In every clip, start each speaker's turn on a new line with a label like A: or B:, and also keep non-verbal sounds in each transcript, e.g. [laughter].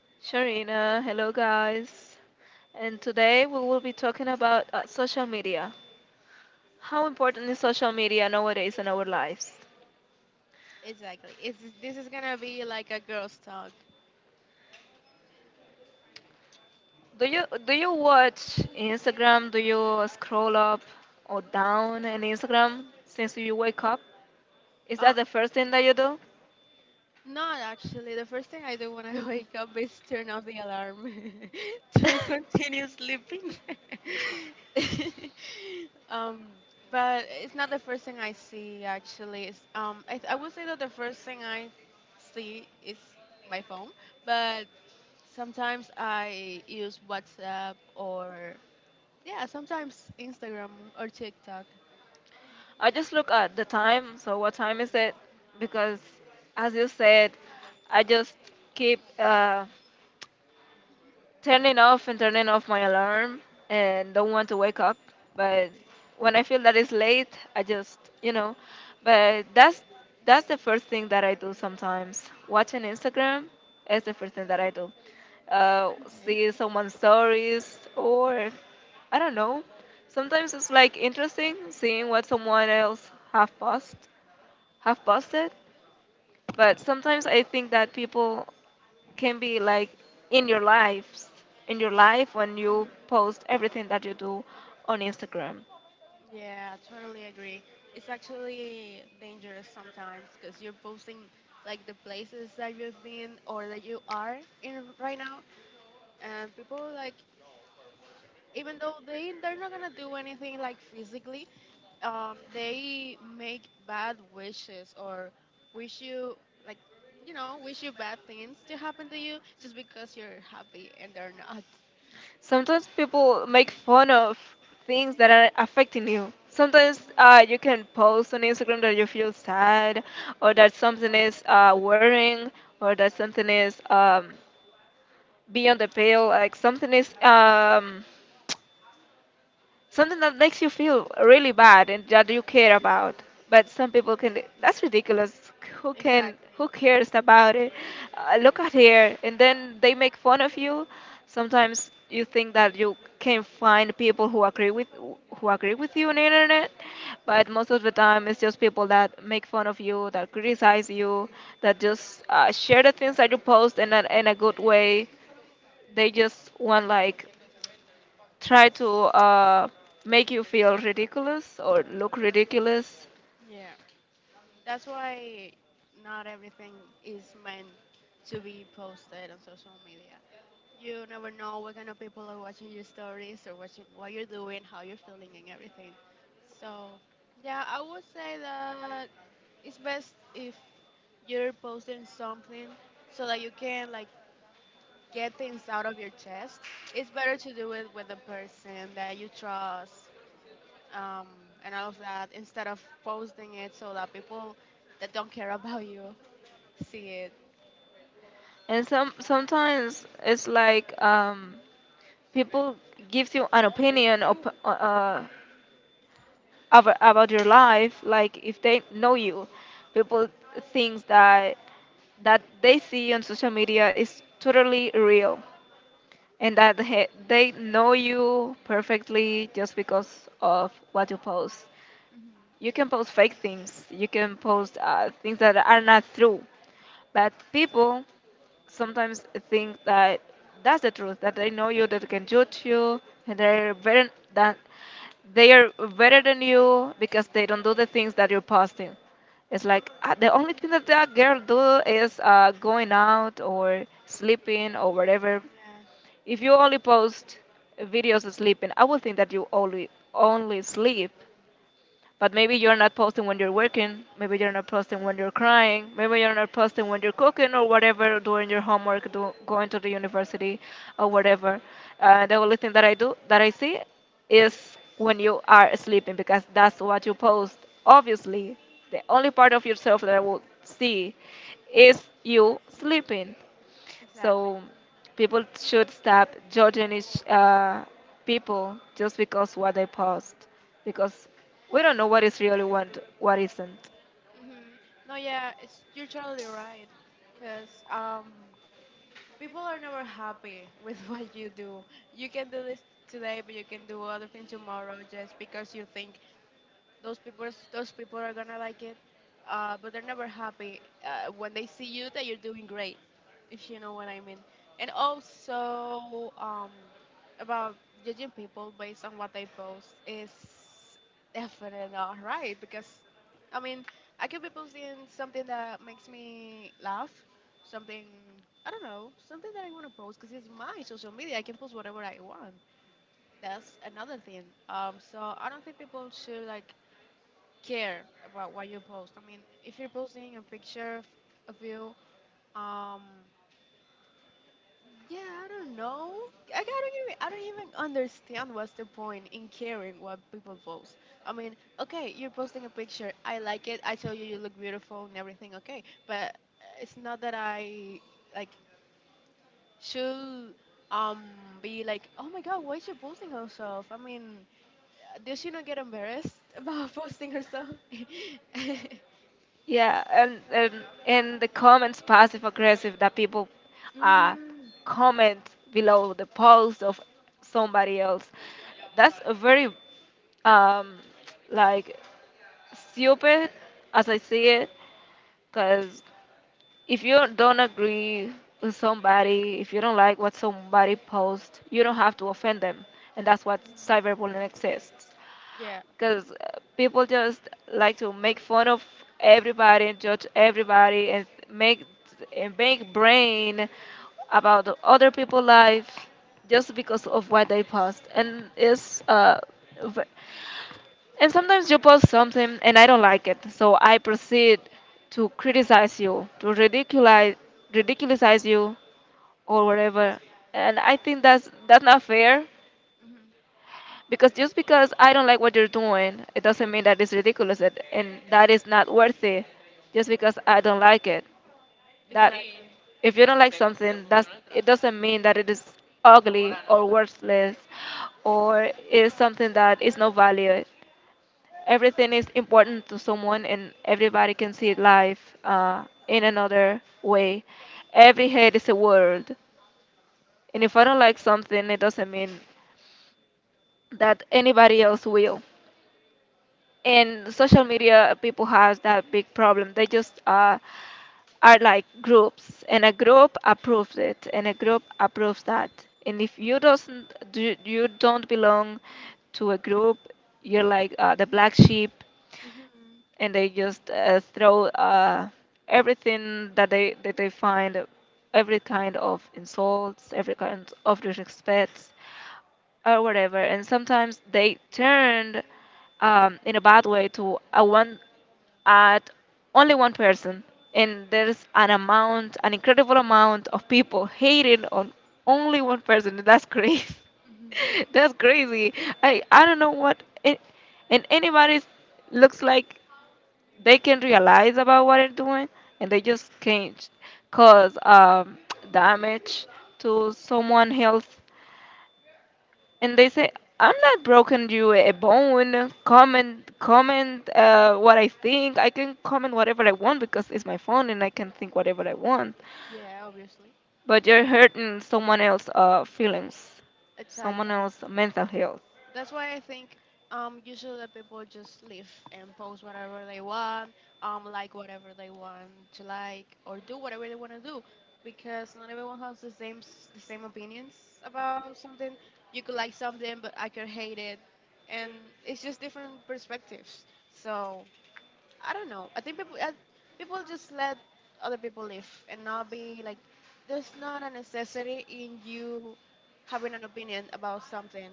A: Sharina, hello guys. And today we will be talking about social media. How important is social media nowadays in our lives?
B: Exactly. This is gonna be like a girl's talk.
A: Do you watch Instagram? Do you scroll up or down in Instagram since you wake up? Is
B: Uh,
A: that the first thing that you do?
B: Not actually. The first thing I do when I [laughs] wake up is turn off the alarm
A: [laughs]
B: [laughs] to continue
A: [laughs] [laughs]
B: sleeping. [laughs] um, but it's not the first thing I see actually. I would say that the first thing I see is my phone, but sometimes I use WhatsApp or yeah, sometimes Instagram or TikTok.
A: I just look at the time. So what time is it? Because as you said, I just keep turning off and turning off my alarm and don't want to wake up, but when I feel that it's late, I just but that's the first thing that I do. Sometimes watching Instagram is the first thing that I do, see someone's stories or I don't know, sometimes it's like interesting seeing what someone else have post have posted. But sometimes I think that people can be like in your lives, in your life, when you post everything that you do on Instagram.
B: Yeah, I totally agree. It's actually dangerous sometimes because you're posting like the places that you've been or that you are in right now, and people like even though they're not gonna do anything like physically, they make bad wishes or wish you like wish you bad things to happen to you just because you're happy and they're not.
A: Sometimes people make fun of things that are affecting you. Sometimes you can post on Instagram that you feel sad, or that something is worrying, or that something is beyond the pale, like something is something that makes you feel really bad and that you care about, but some people can, that's ridiculous. Who can,
B: Exactly.
A: who cares about it, look at here, and then they make fun of you. Sometimes you think that you can find people who agree with, who agree with you on the internet, but most of the time it's just people that make fun of you, that criticize you, that just share the things that you post in a good way. They just want, like, try to uh, make you feel ridiculous or look ridiculous.
B: Yeah. That's why not everything is meant to be posted on social media. You never know what kind of people are watching your stories or watching what you're doing, how you're feeling, and everything. So, yeah, I would say that it's best if you're posting something so that you can like get things out of your chest. It's better to do it with a person that you trust, um, and all of that instead of posting it so that people that don't care about you see it.
A: And sometimes it's like people gives you an opinion about your life. Like if they know you, people thinks that that they see on social media is totally real, and that they know you perfectly just because of what you post.
B: Hmm.
A: You can post fake things. You can post things that are not true. But people sometimes think that that's the truth. That they know you. That they can judge you. And they're better than, they are better than you because they don't do the things that you're posting. It's like the only thing that that girl do is going out or sleeping or whatever.
B: Yeah,
A: If you only post videos of sleeping, I would think that you only sleep. But maybe you're not posting when you're working. Maybe you're not posting when you're crying. Maybe you're not posting when you're cooking or whatever, doing your homework, going to the university or whatever. The only thing that I do, that I see, is when you are sleeping because that's what you post. Obviously, the only part of yourself that I will see is you sleeping.
B: exactly.
A: So people should stop judging each people just because what they post, because we don't know what is really want, what isn't.
B: Hmm. No, yeah, it's you're totally right. Cause people are never happy with [laughs] what you do. You can do this today, but you can do other thing tomorrow just because you think those people those people are gonna like it, but they're never happy when they see you that you're doing great if you know what I mean. And also about judging people based on what they post is definitely not right because i mean I could be posting something that makes me laugh, something, I don't know, something that I want to post because it's my social media. I can post whatever I want. That's another thing. So I don't think people should like care about what you post. I mean, if you're posting a picture of you, um, yeah, I don't know. Like, I don't even understand what's the point in caring what people post. I mean, okay, you're posting a picture. I like it. I tell you you look beautiful and everything. Okay, but it's not that I like should um be like, oh my god, why is she posting herself? I mean, does she not get embarrassed about [laughs] posting herself? [laughs]
A: Yeah, and and the comments passive aggressive that people uh,
B: Mhm.
A: comment below the post of somebody else. That's a very um, like stupid, as I see it, because if you don't agree with somebody, if you don't like what somebody posts, you don't have to offend them. And that's what cyberbullying exists,
B: Yeah.
A: because people just like to make fun of everybody and judge everybody and make, and make brain about the other people's life just because of what they post. And it's v- and sometimes you post something and I don't like it, so I proceed to criticize you, to ridiculicize you, or whatever. And I think that's not fair,
B: Hmm.
A: because just because I don't like what you're doing, it doesn't mean that it's ridiculous, and that is not worthy. Just because I don't like it, that,
B: Exactly.
A: if you don't like something, that's, it doesn't mean that it is ugly or worthless, or is something that is no value. Everything is important to someone, and everybody can see life in another way. Every head is a world, and if I don't like something, it doesn't mean that anybody else will. In social media, people have that big problem. They just are like groups, and a group approves it and a group approves that, and if you doesn't do, you don't belong to a group, you're like the black sheep,
B: Hmm.
A: and they just throw everything that they find, every kind of insults, every kind of disrespects, or whatever. And sometimes they turned in a bad way to a one at only one person, and there's an amount, an incredible amount of people hating on only one person. That's [laughs] crazy.
B: Hmm.
A: [laughs] That's crazy. I don't know what it, and anybody looks like they can realize about what they're doing, and they just can't cause damage to someone else. And they say, "I'm not broken you a bone. Comment what I think. I can comment whatever I want because it's my phone and I can think whatever I want.
B: [laughs] Yeah, obviously.
A: But you're hurting someone else's feelings, someone
B: Exactly.
A: else's mental health."
B: That's why I think usually the people just live and post whatever they want, like whatever they want to like or do whatever they want to do because not everyone has the same s- the same opinions about something. You could like something but I could hate it and it's just different perspectives. So I don't know. I think people people just let other people live and not be like there's not a necessity in you having an opinion about something.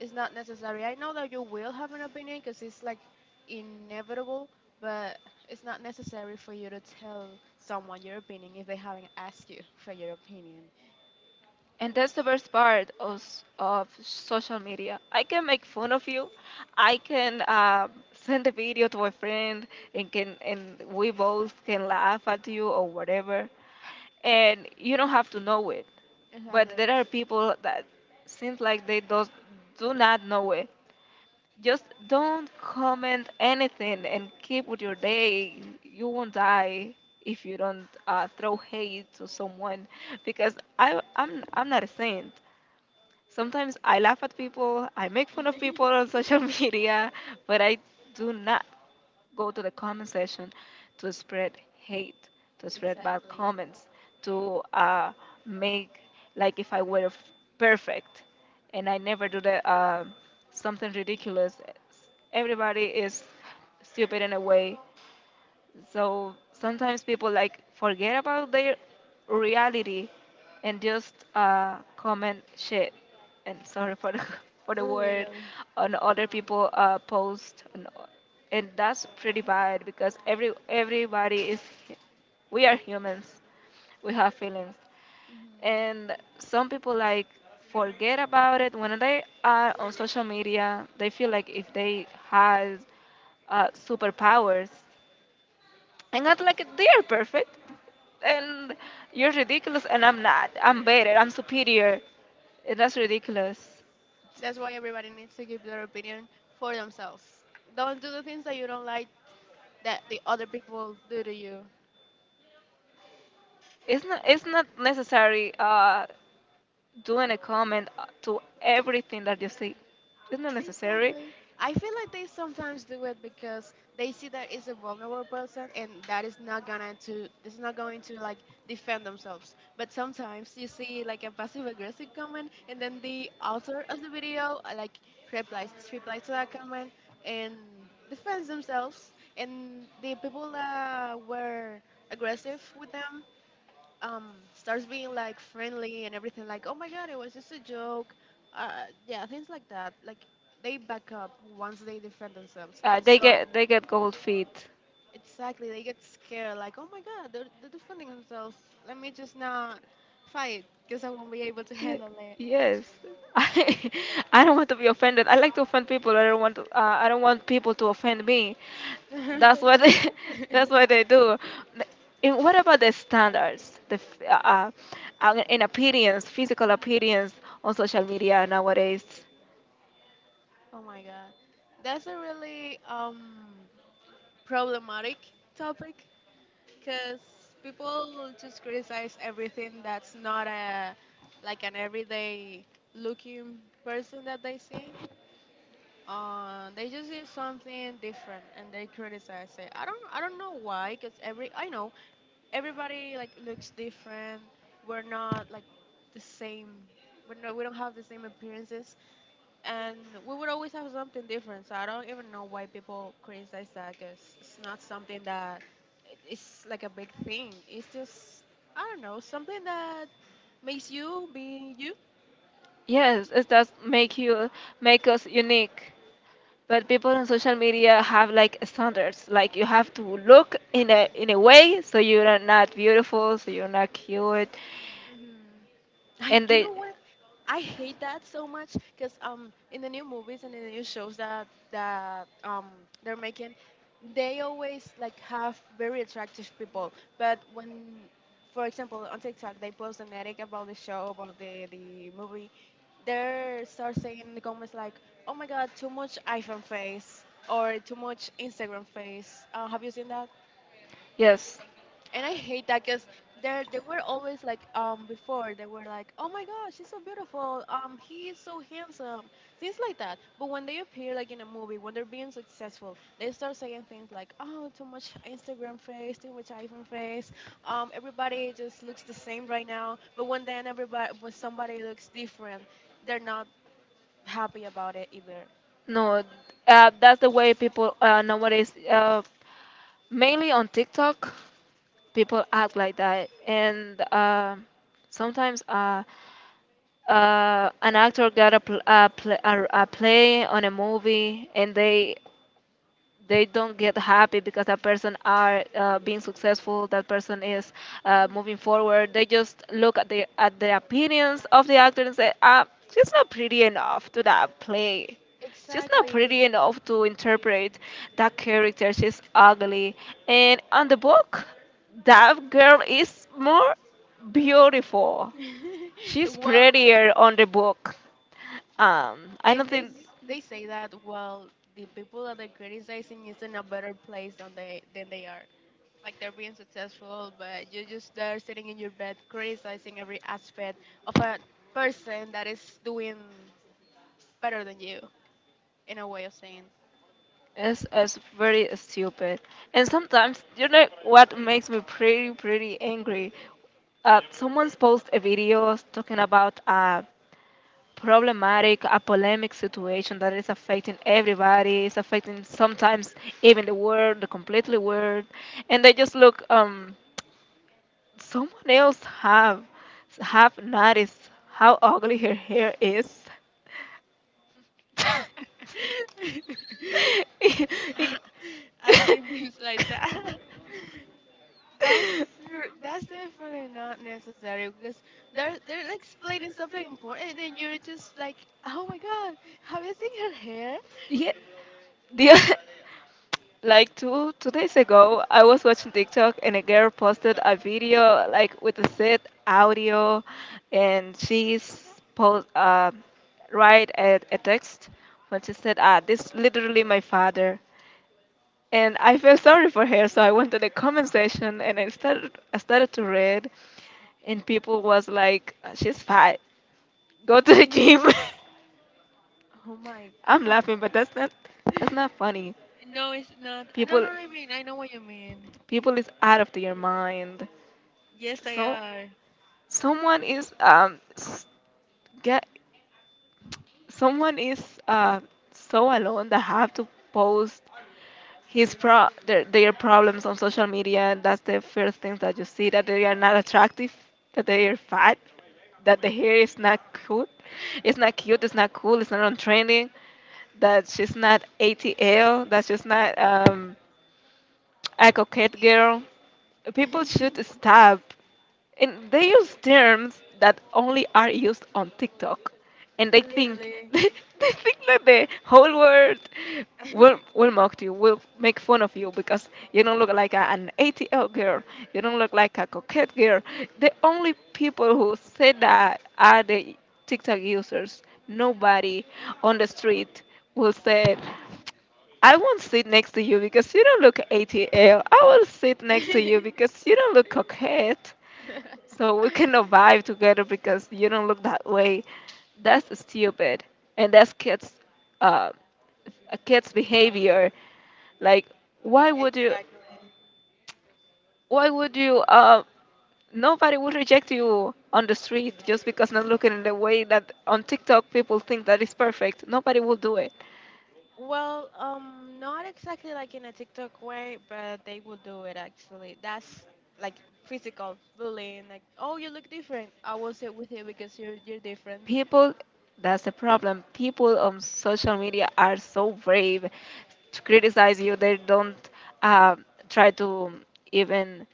B: It's not necessary. I know that you will have an opinion because it's like inevitable, but it's not necessary for you to tell someone your opinion if they haven't asked you for your opinion.
A: And that's the best part of, of social media. I can make fun of you. I can send a video to a friend, and can, and we both can laugh at you or whatever. And you don't have to know it. But
B: Exactly.
A: there are people that seems like do not know it. Just don't comment anything and keep with your day. You won't die if you don't throw hate to someone, because I'm not a saint. Sometimes I laugh at people, I make fun of people
B: [laughs]
A: on social [laughs] media, but I do not go to the comment section to spread hate, to spread bad
B: Exactly.
A: comments, to make like if I were perfect, and I never do that. Something ridiculous. Everybody is stupid in a way, so sometimes people like forget about their reality and just comment shit. And sorry for the [laughs] for the word
B: Literally.
A: on other people post, and that's pretty bad because everybody is hu- we are humans, we have feelings,
B: Mhm.
A: and some people like forget about it when they are on social media. They feel like if they has superpowers and act like they are perfect, and you're ridiculous and I'm not, I'm better, I'm superior, and that's ridiculous.
B: That's why everybody needs to give their opinion for themselves. Don't do the things that you don't like that the other people do to you.
A: It's not necessary doing a comment to everything that you see. It's not necessary.
B: Exactly. I feel like they sometimes do it because they see that it's a vulnerable person and that is not gonna to this is not going to like defend themselves. But sometimes you see like a passive aggressive comment and then the author of the video, like replies to that comment and defends themselves, and the people that were aggressive with them starts being like friendly and everything like, oh my god, it was just a joke. Yeah, things like that. Like, they back up once they defend themselves. So
A: They get gold feet.
B: exactly, they get scared like, oh my god, they're defending themselves. Let me just not fight because I won't be able to
A: Ye-
B: handle it.
A: Yes, [laughs] I I don't want to be offended. I like to offend people. I don't want to, I don't want people to offend me. That's
B: [laughs]
A: what they, [laughs] that's what they do. Th- And what about the standards, the in appearance, physical appearance on social media nowadays?
B: Oh my god, that's a really problematic topic because people just criticize everything that's not a like an everyday looking person that they see. They just see something different and they criticize it. I don't know why, because every I know everybody like looks different. We're not like the same. We don't have the same appearances, and we would always have something different. So I don't even know why people criticize that because it's not something that it's like a big thing. It's just I don't know something that makes you be you.
A: Yes, it does make you make us unique. But people on social media have like standards, like you have to look in a, in a way, so you're not beautiful, so you're not cute,
B: Hmm. I
A: and
B: And you
A: they,
B: know what, I hate that so much because in the new movies and in the new shows that they're making, they always like have very attractive people. But when, for example, on TikTok they post an edit about the show, about the movie, they start saying in the comments like, "Oh my god, too much iPhone face." Or too much Instagram face. Have you seen that?
A: yes.
B: And I hate that because they were always like, um, before they were like, oh my gosh, she's so beautiful, um, he is so handsome, things like that. But when they appear like in a movie, when they're being successful, they start saying things like, oh, too much Instagram face, too much iPhone face. Um, everybody just looks the same right now, but when then everybody when somebody looks different, they're not happy about it either.
A: No, that's the way people nowadays, mainly on TikTok, people act like that, and sometimes an actor got a, a play on a movie, and they don't get happy because that person are being successful, that person is
B: Mhm.
A: moving forward. They just look at the, at the opinions of the actor and say, ah, she's not pretty enough to that play, she's not
B: Exactly.
A: pretty enough to interpret that character, she's ugly, and on the book that girl is more beautiful.
B: [laughs]
A: She's
B: Wow.
A: prettier on the book. Um, I don't
B: And
A: think.
B: they say that well, the people that they're criticizing is in a better place than they are. Like, they're being successful, but you're just there sitting in your bed criticizing every aspect of a person that is doing better than you, in a way of saying.
A: It's very stupid. And sometimes, you know what makes me pretty, pretty angry? Someone's post a video talking about a polemic situation that is affecting everybody. It's affecting sometimes even the world, the completely world, and they just look. Someone else have noticed how ugly her hair is.
B: [laughs] I've seen things like that.
A: [laughs]
B: [laughs] That's
A: Mm,
B: true- that's definitely not necessary because they're like explaining something important and you're just like, oh my god, have you seen her hair?
A: yeah, the, [laughs] like two days ago, I was watching TikTok and a girl posted a video like with the set audio, and she's post write a text when she said, "Ah, this literally my father." And I felt sorry for her, so I went to the comment section and I started to read, and people was like, "She's fat, go to the gym."
B: Oh my
A: [laughs] I'm
B: god.
A: laughing, but that's not funny.
B: [laughs] No, it's not. No, no,
A: People
B: I mean, I know what you mean.
A: people is out of their mind.
B: Yes, they
A: So
B: are.
A: someone is get, someone is so alone that have to post his pro their problems on social media. That's the first things that you see, that they are not attractive, that they are fat, that the hair is not cute. It's not cute, it's not cool, it's not on trending, that she's not atl, that she's not a coquette girl. People
B: [laughs]
A: should stop. And they use terms that only are used on TikTok. And they think [laughs]
B: Literally.
A: they think that the whole world will mock you, will make fun of you because you don't look like an ATL girl, you don't look like a coquette girl. The only people who say that are the TikTok users. Nobody on the street will say I won't sit next to you because you don't look ATL. I will sit next to you
B: [laughs]
A: because you don't look coquette. So we cannot vibe together because you don't look that way. That's stupid. And that's kids, uh, a kid's behavior. Like, why would you, why would you, nobody would reject you on the street just because not looking in the way that on TikTok people think that is perfect. Nobody will do it.
B: Well, not exactly like in a TikTok way, but they will do it actually. That's like physical bullying. Like, oh, you look different. I will sit with you because you're different.
A: People, that's the problem. People on social media are so brave to criticize you. They don't uh, try to even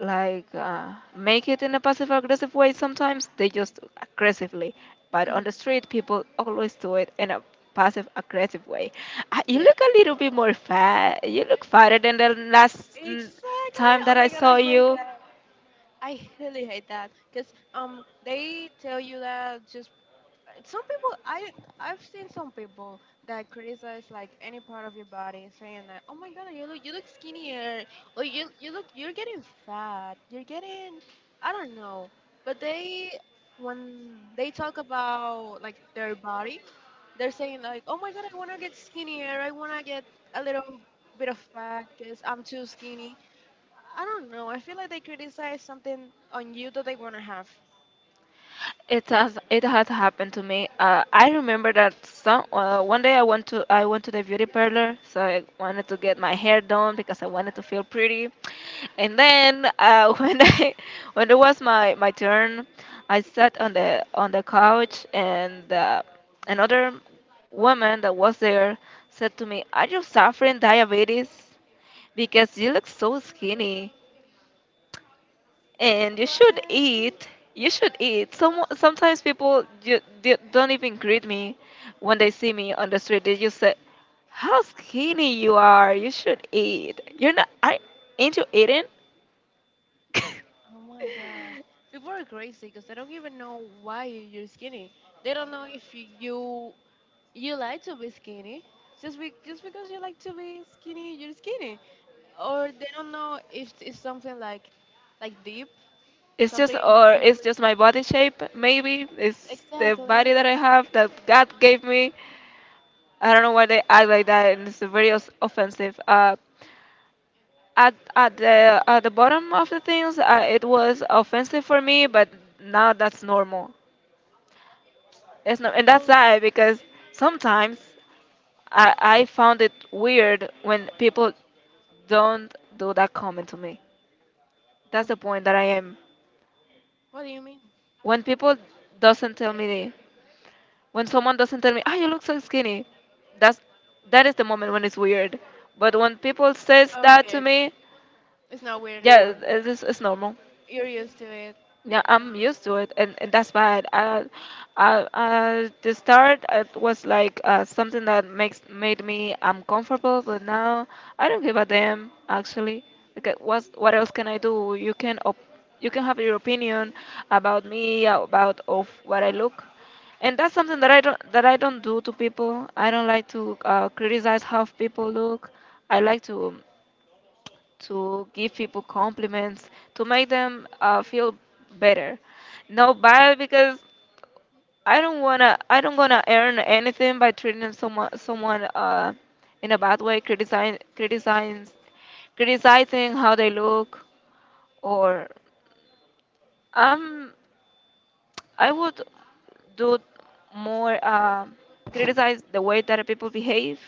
A: like make it in a passive aggressive way. Sometimes they just aggressively, but on the
B: Mhm.
A: street people always do it in a passive aggressive way. You
B: Yeah.
A: look a little bit more fat, you look fatter than the last
B: Exactly.
A: time
B: Oh
A: that I
B: my god, I
A: saw
B: hate
A: you.
B: that. I really hate that because they tell you that just some people, I've seen some people that criticize like any part of your body saying that, oh my god, you look skinnier, or you look you're getting fat, you're getting, I don't know. But they when they talk about like their body, they're saying like, oh my god, I want to get skinnier, I want to get a little bit of fat because I'm too skinny. I don't know, I feel like they criticize something on you that they want to have.
A: It has happened to me. I remember that some one day I went to the beauty parlor, so I wanted to get my hair done because I wanted to feel pretty. And then [laughs] when it was my turn, I sat on the couch and another woman that was there said to me, "Are you suffering diabetes? Because you look so skinny." And you should
B: Right?
A: eat. You should eat. Sometimes people don't even greet me when they see me on the street. They just say, "How skinny you are! You should eat. You're not. I ain't you eating?"
B: Oh my god.
A: [laughs]
B: People are crazy because they don't even know why you're skinny. They don't know if you, you like to be skinny. Just because you like to be skinny, you're skinny. Or they don't know if it's something like deep,
A: It's just,
B: something
A: or
B: deep.
A: it's just my body shape. Maybe it's the
B: Exactly.
A: body that I have that God gave me. I don't know why they act like that, and it's very offensive. At the bottom of the things, it was offensive for me, but now that's normal. It's no, and that's
B: People,
A: sad because sometimes I found it weird when people don't do that comment to me.
B: what,
A: That's the point that I am.
B: what do you mean?
A: When people doesn't tell me, when someone doesn't tell me, ah, you look so skinny, that's that is the moment when it's weird. But when people says
B: Oh,
A: that
B: okay,
A: to
B: okay.
A: me,
B: It's not weird
A: yeah,
B: anymore.
A: it's normal.
B: You're used to it.
A: Yeah, I'm used to it, and, that's why I, the start it was like something that makes made me uncomfortable, but now I don't give a damn actually. Because what else can I do? You can you can have your opinion about me, about of what I look, and that's something that I don't do to people. I don't like to criticize how people look. I like to give people compliments, to make them feel better. No bad because I don't wanna, I don't gonna earn anything by treating someone in a bad way, criticizing, criticizing how they look. Or I'm I would do more criticize the way that people behave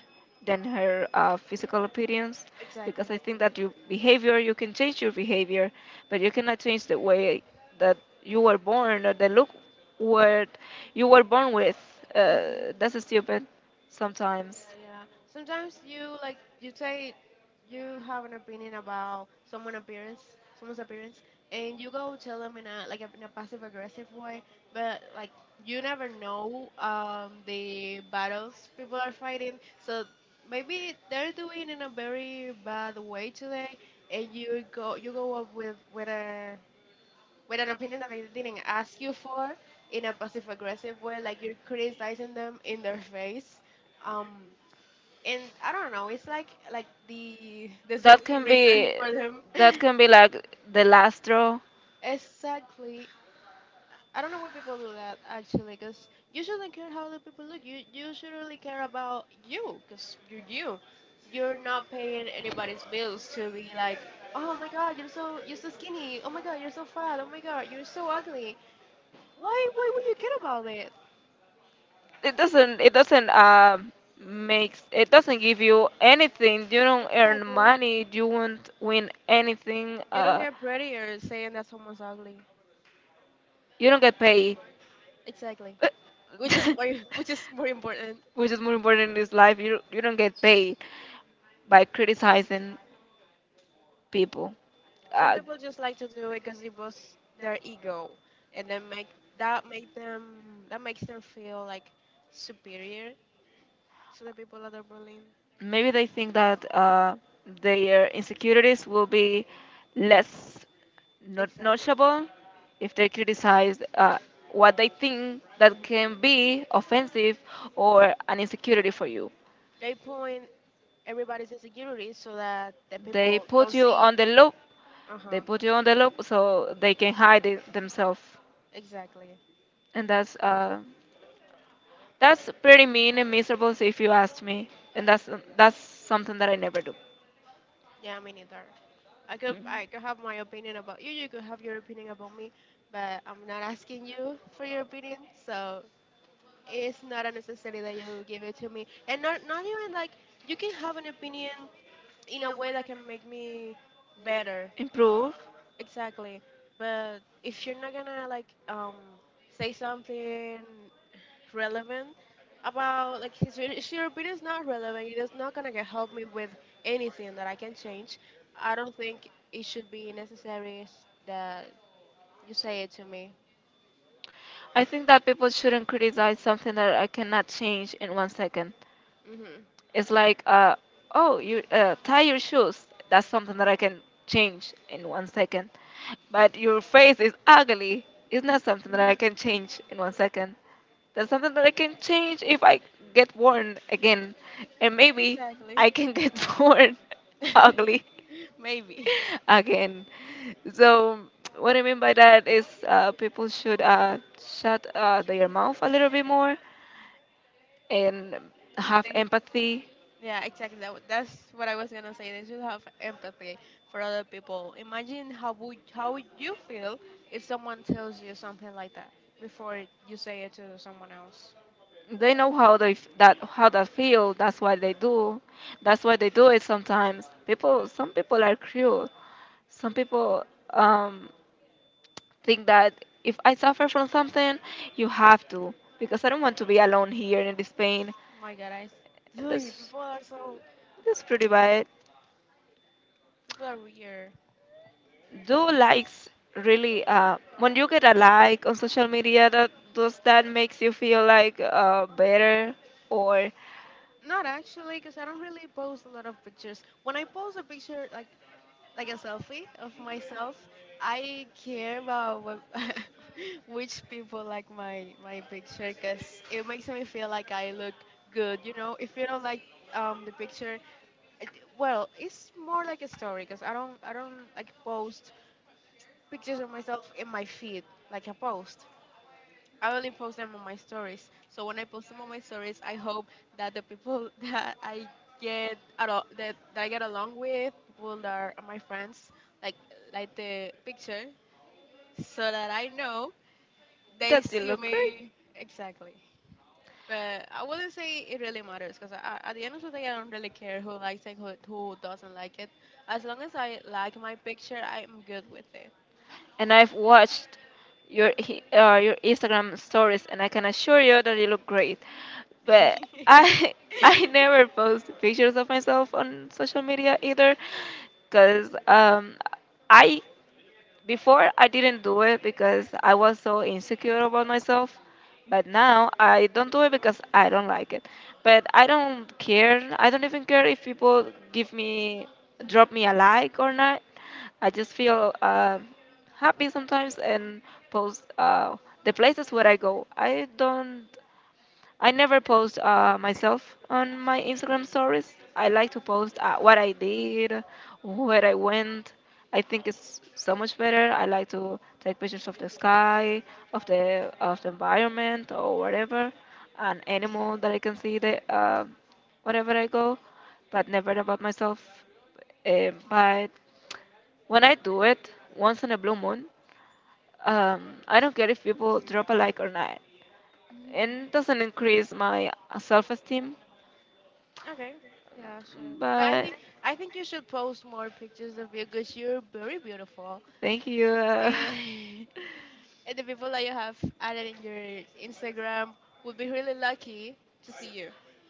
A: than her physical appearance,
B: Exactly.
A: because I think that you can change your behavior, but you cannot change the way that you were born, or the look what you were born with.
B: Mm-hmm.
A: That's stupid sometimes.
B: Yeah, yeah. Sometimes you like you say you have an opinion about someone appearance, someone's appearance, and you go tell them in a like in a passive aggressive way, but like you never know, the battles people are fighting. So maybe they're doing in a very bad way today, and you go up with a with an opinion that they didn't ask you for, in a passive aggressive way, like you're criticizing them in their face. Um, and I don't know. It's like the
A: That
B: certain
A: can
B: reason [laughs]
A: be
B: for them.
A: that
B: [laughs]
A: can be like the last straw.
B: Exactly. I don't know why people do that actually, because you shouldn't care how the people look. You should really care about you, because you're you. You're not paying anybody's bills to be like, oh my god, you're so skinny. Oh my god, you're so fat. Oh my god, you're so ugly. Why would you care about it?
A: It doesn't makes it doesn't give you anything. You don't earn
B: Exactly.
A: money, you won't win anything,
B: You don't get prettier saying that someone's ugly.
A: you don't get paid.
B: Exactly. Which is more
A: [laughs]
B: [laughs] which is more important.
A: Which is more important in this life? You don't get paid by criticizing people.
B: Some
A: uh,
B: people just like to do it because it was their ego, and then make that make them, that makes them feel like superior to the people that are bullying.
A: maybe they think that their insecurities will be less, not
B: Exactly.
A: noticeable, if they criticize what they think that
B: Hmm.
A: can be offensive or an insecurity for you.
B: They point everybody's insecurities so that the
A: They
B: people
A: put
B: don't
A: you
B: see.
A: on the loop.
B: Uh
A: They
B: huh.
A: put you on the loop so they can hide it themselves, and that's pretty mean and miserable if you asked me. And that's something that I never do. Improve. I think that people shouldn't criticize something that I cannot change in one second. It's like, oh, you tie your shoes. That's something that I can change in one second. But your face is ugly. It's not something that I can change in one second. That's something that I can change if I get born again, and maybe I can get [laughs] born ugly [laughs] again. So what I mean by that is people should shut their mouth a little bit more and have empathy. They know how that how that feel, that's why they do, that's why they do it. Sometimes people, some people are cruel. Some people um, think that if I suffer from something you have to, because I don't want to be alone here in this pain, and that's pretty bad. Do likes really when you get a like on social media, that does that makes you feel like better, or that you look great. And I've watched your your Instagram stories, and I can assure you that you look great. But I [laughs] I never post pictures of myself on social media either, cause I, before I didn't do it because I was so insecure about myself, but now I don't do it because I don't like it. But I don't care. I don't even care if people give me drop me a like or not. I just feel happy sometimes and post the places where I go. I never post myself on my Instagram stories. I like to post what I did, where I went. I think it's so much better. I like to take pictures of the sky, of the environment or whatever, an animal that I can see the wherever I go, but never about myself. But when I do it once in a blue moon, I don't care if people drop a like or not, and doesn't increase my self esteem. But thank you.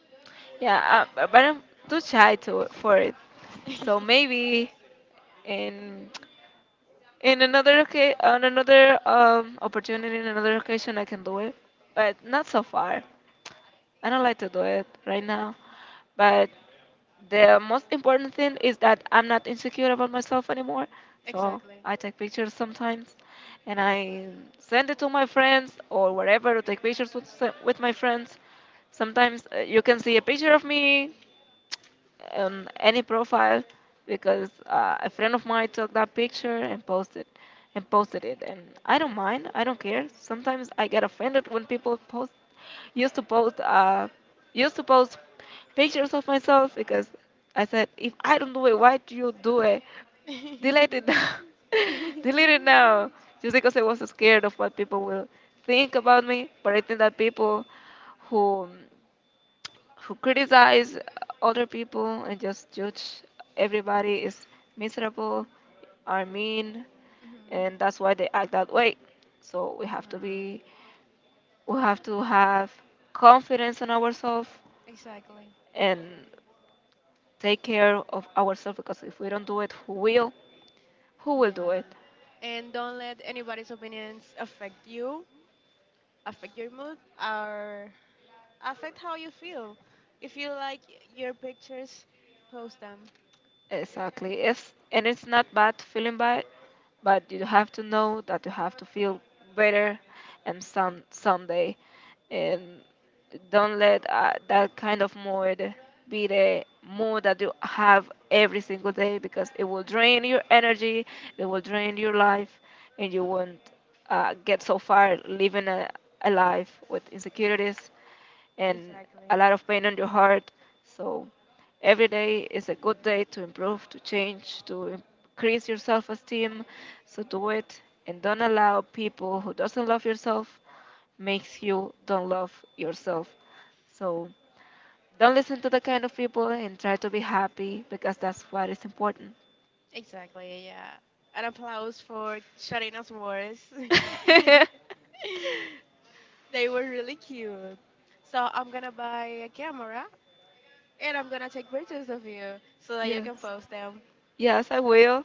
A: [laughs] yeah, but I'm too shy to for it. So maybe in in another on another opportunity, in another occasion, I can do it, but not so far. I don't like to do it right now. But the most important thing is that I'm not insecure about myself anymore. So I take pictures sometimes and I send it to my friends, or wherever, to take pictures with, with my friends. Sometimes you can see a picture of me on any profile because a friend of mine took that picture and posted it, and I don't mind, I don't care. Sometimes I get offended when people post, used to post uh, used to post pictures of myself because I said if I don't do it, why do you do it? Delete it now. [laughs] Delete it now. Just because I was scared of what people will think about me. But I think that people who criticize other people and just judge everybody is miserable, are mean, and that's why they act that way. So we have to have confidence in ourselves and take care of ourselves because if we don't do it, who will? Who will do it? Exactly. It's, and it's not bad feeling bad, but you have to know that you have to feel better and some someday, and don't let that kind of mood be the mood that you have every single day because it will drain your energy, it will drain your life, and you won't get so far living a life with insecurities and a lot of pain on your heart. So every day is a good day to improve, to change, to increase your self-esteem. So do it, and don't allow people who doesn't love yourself makes you don't love yourself. So don't listen to the kind of people and try to be happy because that's what is important. [laughs] [laughs] words. [laughs] Yes, I will.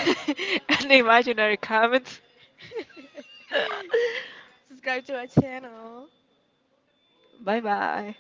A: [laughs] And the imaginary comments. [laughs] [laughs] bye bye.